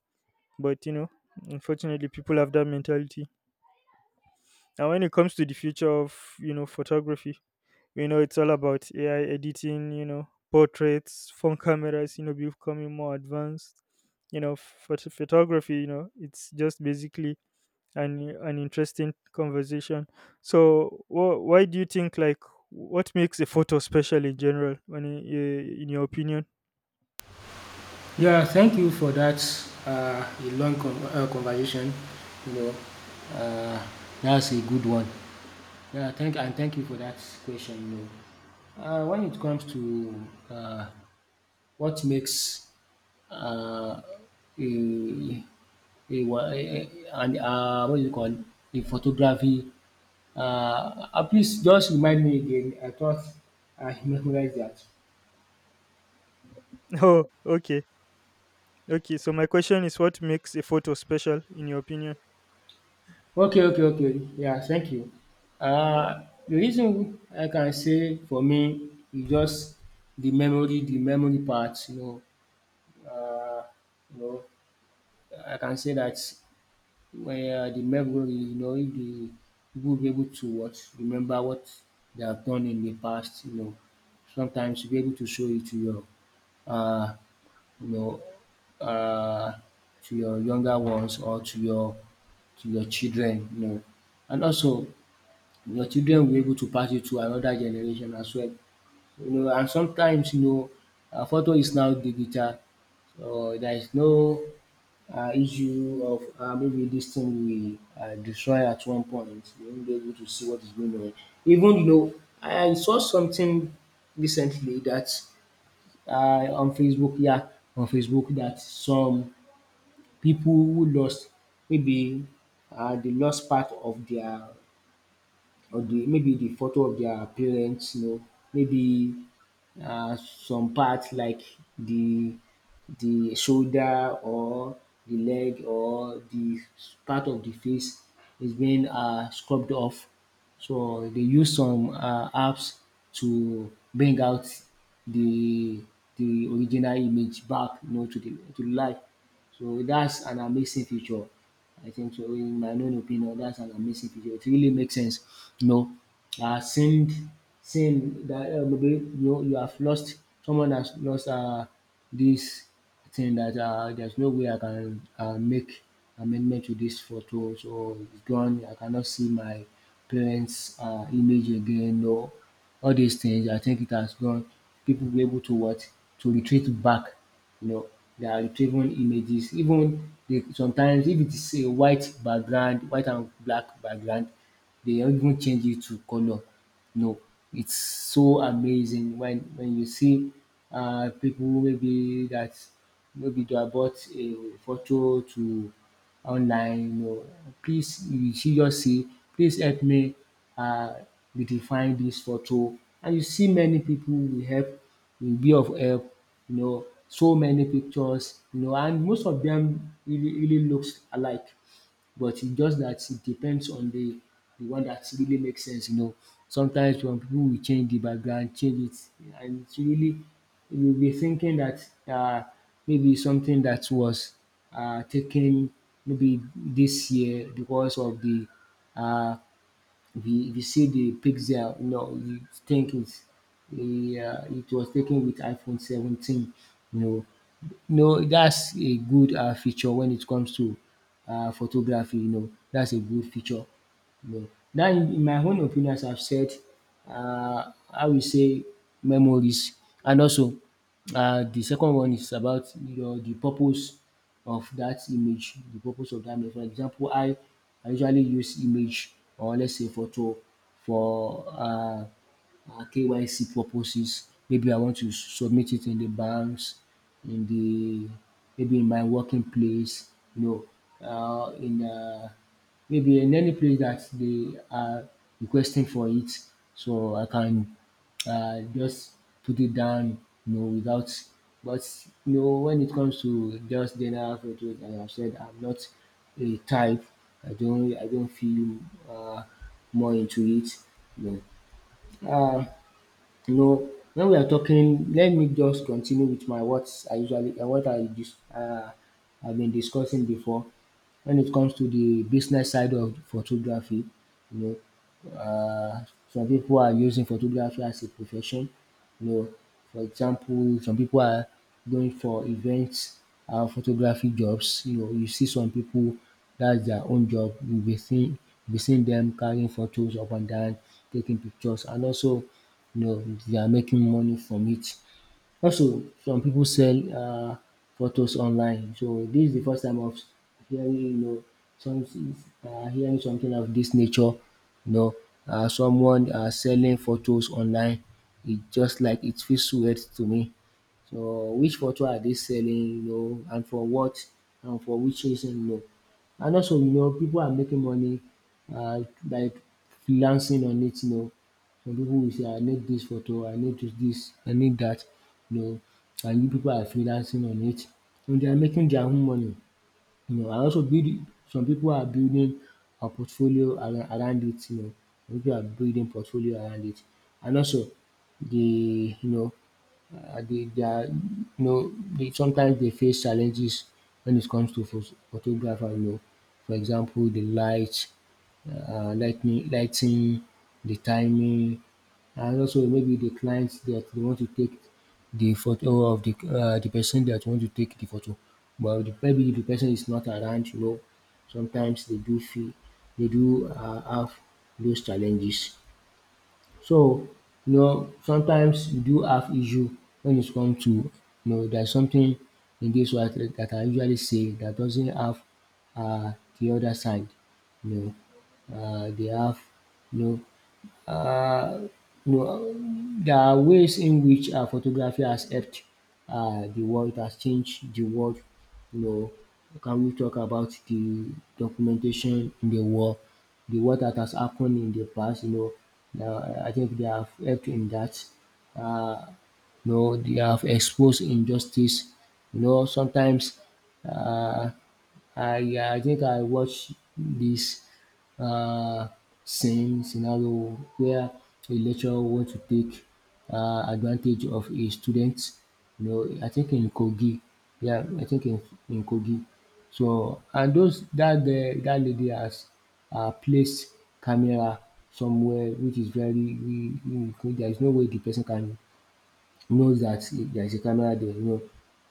S1: but, you know, unfortunately, people have that mentality. And when it comes to the future of photography, it's all about AI editing, portraits, phone cameras, becoming more advanced. Photography, it's just basically an interesting conversation. So why do you think, what makes a photo special in general, in your opinion?
S2: Yeah, thank you for that. A long conversation. You know, uh, that's a good one. Thank you for that question. You know, when it comes to uh, what makes uh, a, a, wa- a an what do you call a photography? Uh, Please just remind me again. I thought I memorized that.
S1: Oh, okay. Okay, so my question is, what makes a photo special in your opinion?
S2: Okay, okay, okay. Yeah, thank you. Uh, the reason I can say for me is just the memory part. Uh, you know, I can say that the memory, you know, if the people will be able to what remember what they have done in the past, you know, sometimes you'll be able to show it to uh, you know, uh, to your younger ones or to your children, you know, and also your children will be able to pass it to another generation as well. You know, and sometimes, you know, photo is now digital. So there is no issue of maybe this thing we destroy at one point. You won't be able to see what is going on. Even you know, I saw something recently that uh, on Facebook, yeah, on Facebook that some people who lost maybe the lost part of their or the maybe the photo of their parents, you know, maybe some parts like the the shoulder or the leg or the part of the face is being scrubbed off. So they use some apps to bring out the the original image back, you know, to the to life. So that's an amazing feature. I think so, in my own opinion, that's an amazing feature. It really makes sense. You know, uh, seeing seeing that maybe you you have lost someone has lost, this thing that there's no way I can make amendment to this photo, so it's gone. I cannot see my parents' image again. No, all these things I think it has gone. People will be able to what to retreat back, you know. They are retrieving images, even they, sometimes if it is a white background, white and black background, they don't even change it to colour. No, it's so amazing when you see people maybe that maybe they bought a photo to online, you know, please you see just say, please help me um redefine this photo, and you see many people will help will be of help, you know, so many pictures, you know, and most of them really looks alike, but it's just that it depends on the one that really makes sense, you know. Sometimes some people will change it, and it's really, you'll be thinking that maybe something that was taken maybe this year because of the um if you see the pixel, you know, you think it's, yeah, it was taken with iPhone 17. You know, no, that's a good feature when it comes to photography. You know, that's a good feature. Yeah. Now in my own opinion, as I've said, I will say memories, and also the second one is about your the purpose of that image, the purpose of that image. For example, I usually use image, or let's say photo for KYC purposes. Maybe I want to submit it in the banks, in the maybe in my working place, you know, in maybe in any place that they are requesting for it. So I can just put it down, you know, without. But you know, when it comes to just general photos, as I've said, I'm not a type. I don't feel uh, more into it. You know. You know when we are talking, let me just continue with my what I usually I've been discussing before. When it comes to the business side of photography, you know, some people are using photography as a profession, you know. For example, some people are going for events and photography jobs, you know, you see some people that's their own job. You'll be seeing them carrying photos up and down, taking pictures, and also, you know, they are making money from it. Also, some people sell photos online, so this is the first time of hearing, you know, some hearing something of this nature, you know, someone selling photos online. It just like it feels weird to me. So which photo are they selling, you know, and for what and for which reason, you know. And also, you know, people are making money by freelancing on it, you know. Some people will say, I need this photo, I need this, this, I need that, you know. And you people are freelancing on it. And they are making their own money, you know, and also build some people are building a portfolio around it, you know, some people are building portfolio around it. And also the you know they sometimes they face challenges when it comes to photographer, you know. For example, the light, lighting, the timing, and also maybe the clients that they want to take the photo of the person that want to take the photo. But the, maybe the person is not around, you know. Sometimes they do feel they do have those challenges. So you know, sometimes you do have issue when it comes to you know there's something in this world that I usually say that doesn't have uh, the other side. You know, they have you know uh, you know there are ways in which photography has helped the world. It has changed the world. You know, can we talk about the documentation in the war that has happened in the past? You know, now, I think they have helped in that. Uh, you know, they have exposed injustice. You know, sometimes uh, I think I watch this uh same scenario where a lecturer want to take advantage of a student, you know, I think in Kogi. Yeah, I think in Kogi. So and those that the that lady has placed camera somewhere which is very there is no way the person can knows that there's a camera there.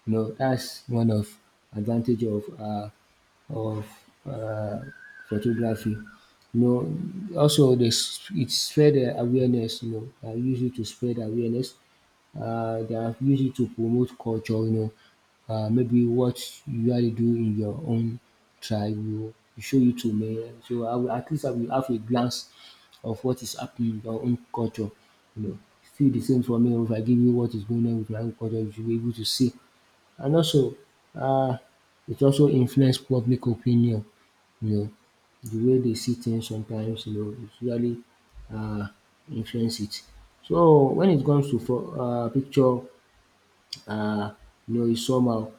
S2: You know that's one of advantage of of uh, photography. You know, also this it spread awareness. You know, I use it to spread awareness. They are used it to promote culture. You know, maybe what you usually do in your own tribe will show you to me. So I will, at least I will have a glance of what is happening in your own culture. You know, feel the same for me. Oh, if I give you what is going on with my own culture, you should be able to see. And also um it also influence public opinion, you know, the way they see things sometimes, you know, it really um influence it. So when it comes to picture, uh, you know, is somehow.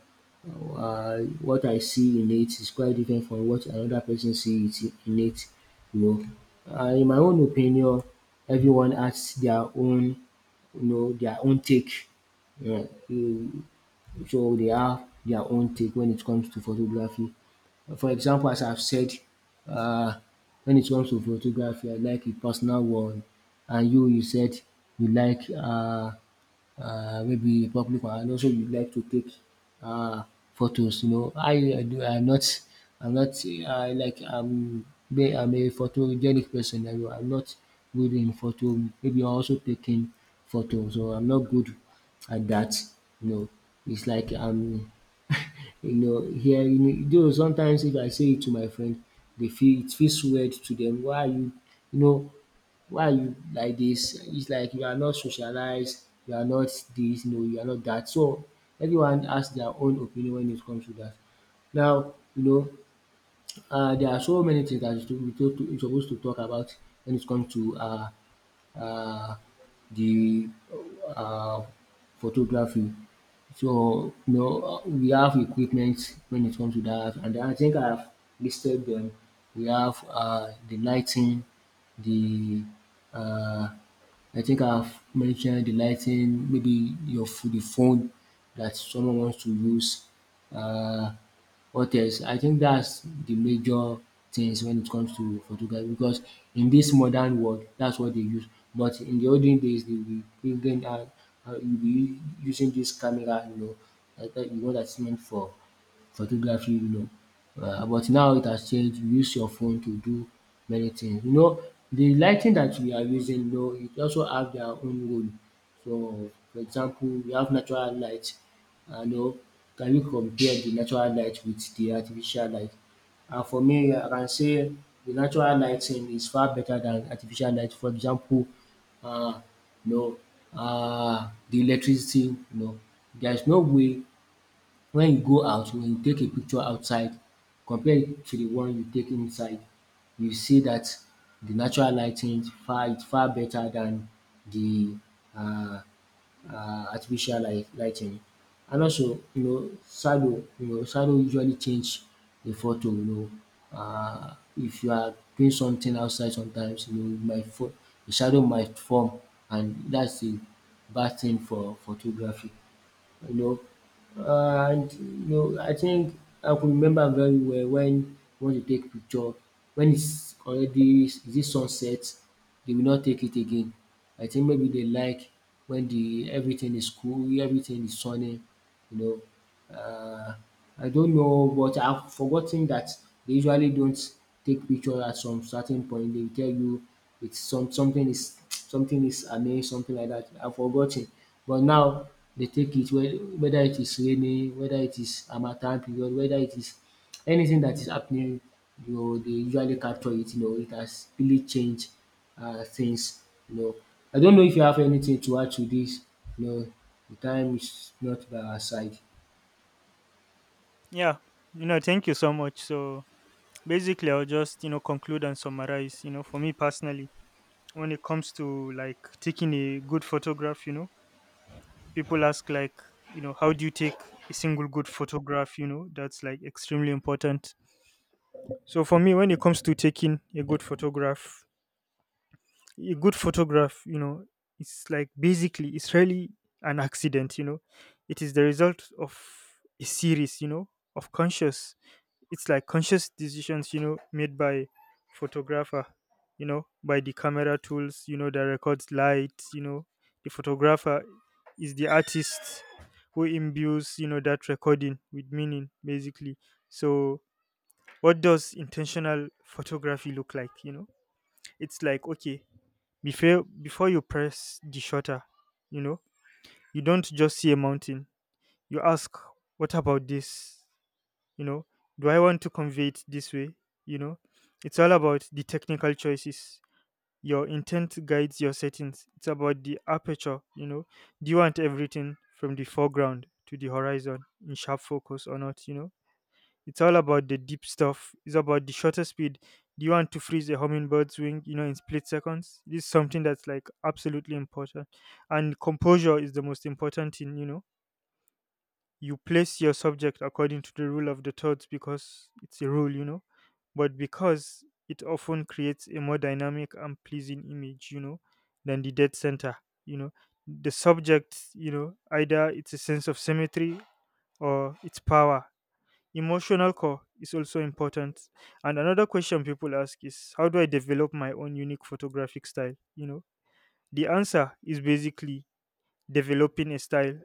S2: What I see in it is quite different from what another person see it in it. You know, in my own opinion, everyone has their own, you know, their own take. Yeah, you- so they have their own take when it comes to photography. For example, as I've said, uh, when it comes to photography, I like a personal one, and you said you like. Maybe be public one, and also we like to take uh photos, you know. How I do, I'm not I like I'm I'm a photogenic person, I'm not good in photo, maybe I'm also taking photos, so I'm not good at that. You know. It's like I'm you know hearing though, sometimes if I say it to my friend they feel it feels weird to them. Why are you, you know, why are you like this? It's like you are not socialized, you are not this, no, you are not that. So everyone has their own opinion when it comes to that. Now, you know, there are so many things that you we to we suppose to talk about when it comes to uh, the uh, photography. So you know, we have equipment when it comes to that, and I think I've listed them. We have the lighting, the uh, I think I've mentioned the lighting, maybe your the phone that someone wants to use. Um what else? I think that's the major things when it comes to photography because in this modern world that's what they use, but in the olden days they will bring in out you will be using this camera, you know, that you know, that's meant for photography alone. But now it has changed, you use your phone to do many things. You know, the lighting that we are using though, it also have their own role. So for example, we have natural light and you know, can you compare the natural light with the artificial light? And for me, I can say the natural lighting is far better than artificial light. For example, um you know, the electricity, you know, there is no way when you go out, when you take a picture outside, compare it to the one you take inside, you see that the natural lighting far is far better than the um artificial light lighting. And also, you know, shadow, you know, shadow usually change the photo, you know. If you are doing something outside sometimes, you know, my might fo the shadow might form, and that's a bad thing for photography, you know. And you know, I think I could remember very well when we want to take picture, when it's already is it sunset, they will not take it again. I think maybe they like when the everything is cool, everything is sunny, you know. Uh, I don't know, but I've forgotten that they usually don't take picture at some certain point. They tell you it's something is amazing, something like that. I've forgotten, but now they take it whether it is raining, whether it is harmattan period, whether it is anything that is happening. You know, they usually capture it. You know, it has really changed things. You know, I don't know if you have anything to add to this. You know, the time is not by our side.
S1: Yeah. Thank you so much. So basically, I'll just, conclude and summarize. For me personally, when it comes to taking a good photograph, people ask, how do you take a single good photograph? That's extremely important. So for me, when it comes to taking a good photograph, a good photograph you know it's basically it's really an accident. It is the result of a series, of conscious, it's like conscious decisions, made by photographer, by the camera tools, that records light. The photographer is the artist who imbues, that recording with meaning, basically. So what does intentional photography look like? It's like, okay, before you press the shutter, you know you don't just see a mountain. You ask, what about this? you know do I want to convey it this way? you know it's all about the technical choices. Your intent guides your settings. It's about the aperture. Do you want everything from the foreground to the horizon in sharp focus or not? It's all about the deep stuff. It's about the shutter speed. Do you want to freeze a hummingbird's wing, in split seconds? This is something that's like absolutely important. And composure is the most important thing. You place your subject according to the rule of the thirds, because it's a rule, you know, but because it often creates a more dynamic and pleasing image, you know, than the dead center, you know. The subject, you know, either it's a sense of symmetry or it's power. Emotional core is also important. And another question people ask is, how do I develop my own unique photographic style? The answer is basically, developing a style,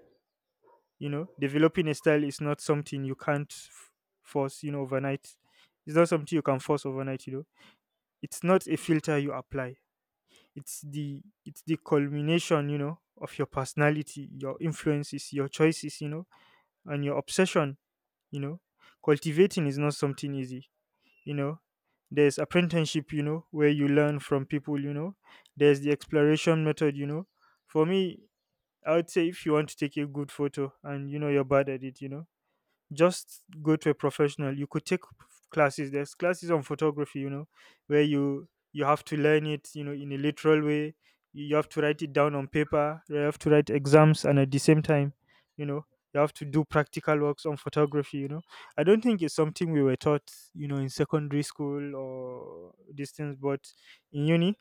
S1: developing a style is not something you can't f- force, you know, overnight. It's not something you can force overnight, It's not a filter you apply. It's the culmination, you know, of your personality, your influences, your choices, and your obsession, you know. Cultivating is not something easy, you know. There's apprenticeship, you know, where you learn from people, There's the exploration method, For me, I would say if you want to take a good photo and you know you're bad at it, just go to a professional. You could take classes. There's classes on photography. Where you have to learn it, in a literal way. You have to write it down on paper. You have to write exams, and at the same time, you know you have to do practical works on photography. I don't think it's something we were taught, in secondary school or distance. But in uni,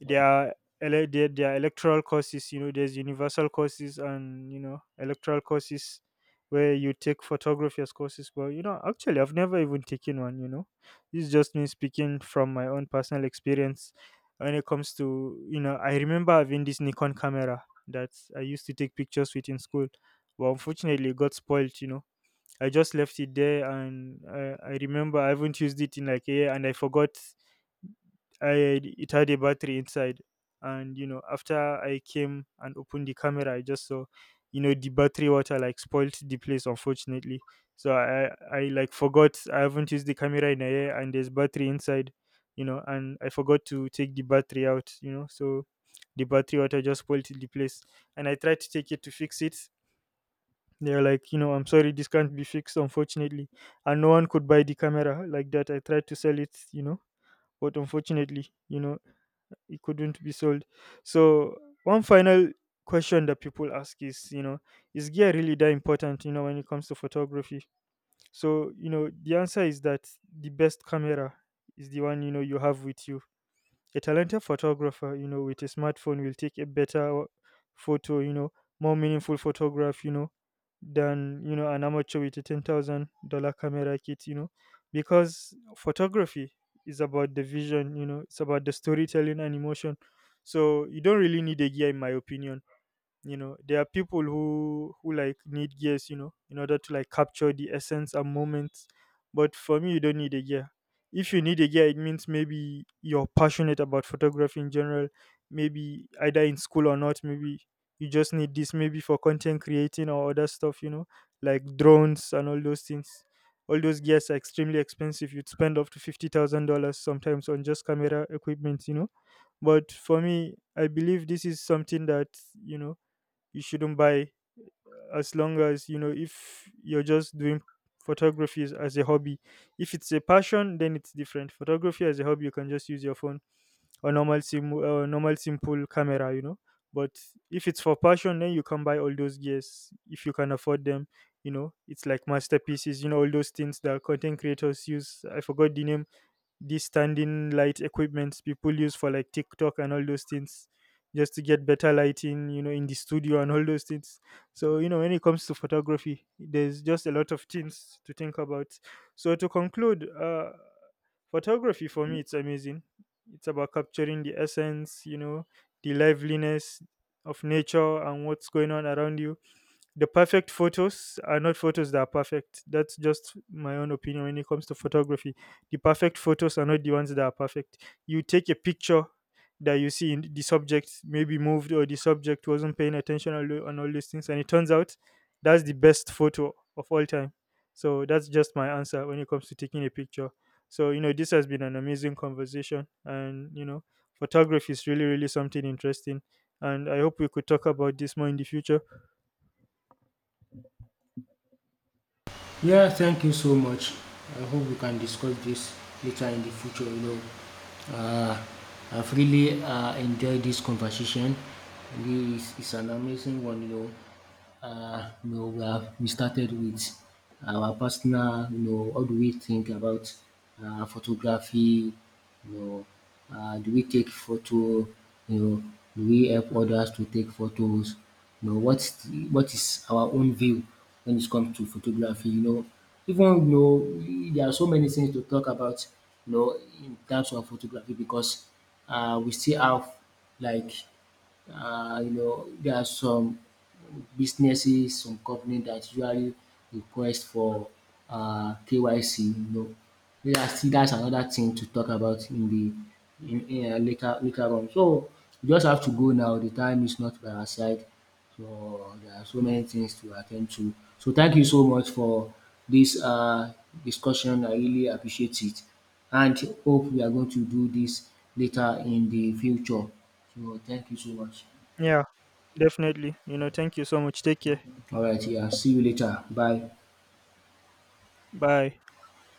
S1: there are there are electoral courses. You know, there's universal courses and you know electoral courses where you take photography as courses. But you know, actually, I've never even taken one. You know, this is just me speaking from my own personal experience. When it comes to, you know, I remember having this Nikon camera that I used to take pictures with in school, but unfortunately, it got spoiled. You know, I just left it there, and I remember I haven't used it in like a year, and I forgot I it had a battery inside. And you know, after I came and opened the camera, I just saw, you know, the battery water like spoilt the place, unfortunately. So I like forgot I haven't used the camera in a year, and there's battery inside, you know, and I forgot to take the battery out, you know, so the battery water just spoiled the place. And I tried to take it to fix it. They're like, you know, I'm sorry, this can't be fixed, unfortunately. And no one could buy the camera like that. I tried to sell it, you know, but unfortunately, you know, it couldn't be sold. So, one final question that people ask is, you know, is gear really that important, you know, when it comes to photography? So, you know, the answer is that the best camera is the one, you know, you have with you. A talented photographer, you know, with a smartphone will take a better photo, you know, more meaningful photograph, than, you know, an amateur with a $10,000 camera kit. Because photography is about the vision. It's about the storytelling and emotion. So you don't really need a gear, in my opinion. There are people who like need gears, you know, in order to like capture the essence and moments. But for me, you don't need a gear. If you need a gear, it means maybe you're passionate about photography in general, maybe either in school or not. Maybe you just need this maybe for content creating or other stuff, you know, like drones and all those things. All those gears are extremely expensive. You'd spend up to $50,000 sometimes on just camera equipment, you know. But for me, I believe this is something that, you know you shouldn't buy, as long as, you know, if you're just doing photography as a hobby. If it's a passion, then it's different. Photography as a hobby, you can just use your phone or normal sim or normal simple camera. But if it's for passion, then you can buy all those gears if you can afford them. You know, it's like masterpieces, you know, all those things that content creators use. I forgot the name. These standing light equipments people use for like TikTok and all those things, just to get better lighting, you know, in the studio and all those things. So, you know, when it comes to photography, there's just a lot of things to think about. So, to conclude, photography for me, it's amazing. It's about capturing the essence, you know, the liveliness of nature and what's going on around you. The perfect photos are not photos that are perfect. That's just my own opinion when it comes to photography. The perfect photos are not the ones that are perfect. You take a picture that you see in the subject maybe moved or the subject wasn't paying attention and all these things, and it turns out that's the best photo of all time. So that's just my answer when it comes to taking a picture. So you know this has been an amazing conversation, and you know photography is really really something interesting and I hope we could talk about this more in the future.
S2: Yeah, thank you so much. I hope we can discuss this later in the future. You know, uh, I've really enjoyed this conversation. Really, it's an amazing one. You know, you know, we, have, we started with our personal, you know, how do we think about photography, you know, do we take photo, you know, do we help others to take photos, you know, what is the, what is our own view when it comes to photography, you know, even you know, there are so many things to talk about, you know, in terms of photography because we still have like you know, there are some businesses, some company that usually request for KYC. You know, that's still that's another thing to talk about in the in later later on. So you just have to go now. The time is not by our side. So there are so many things to attend to. So thank you so much for this discussion. I really appreciate it, and hope we are going to do this later in the future. So thank you so much.
S1: Yeah, definitely. You know, thank you so much. Take care.
S2: All right, yeah. See you later. Bye.
S1: Bye.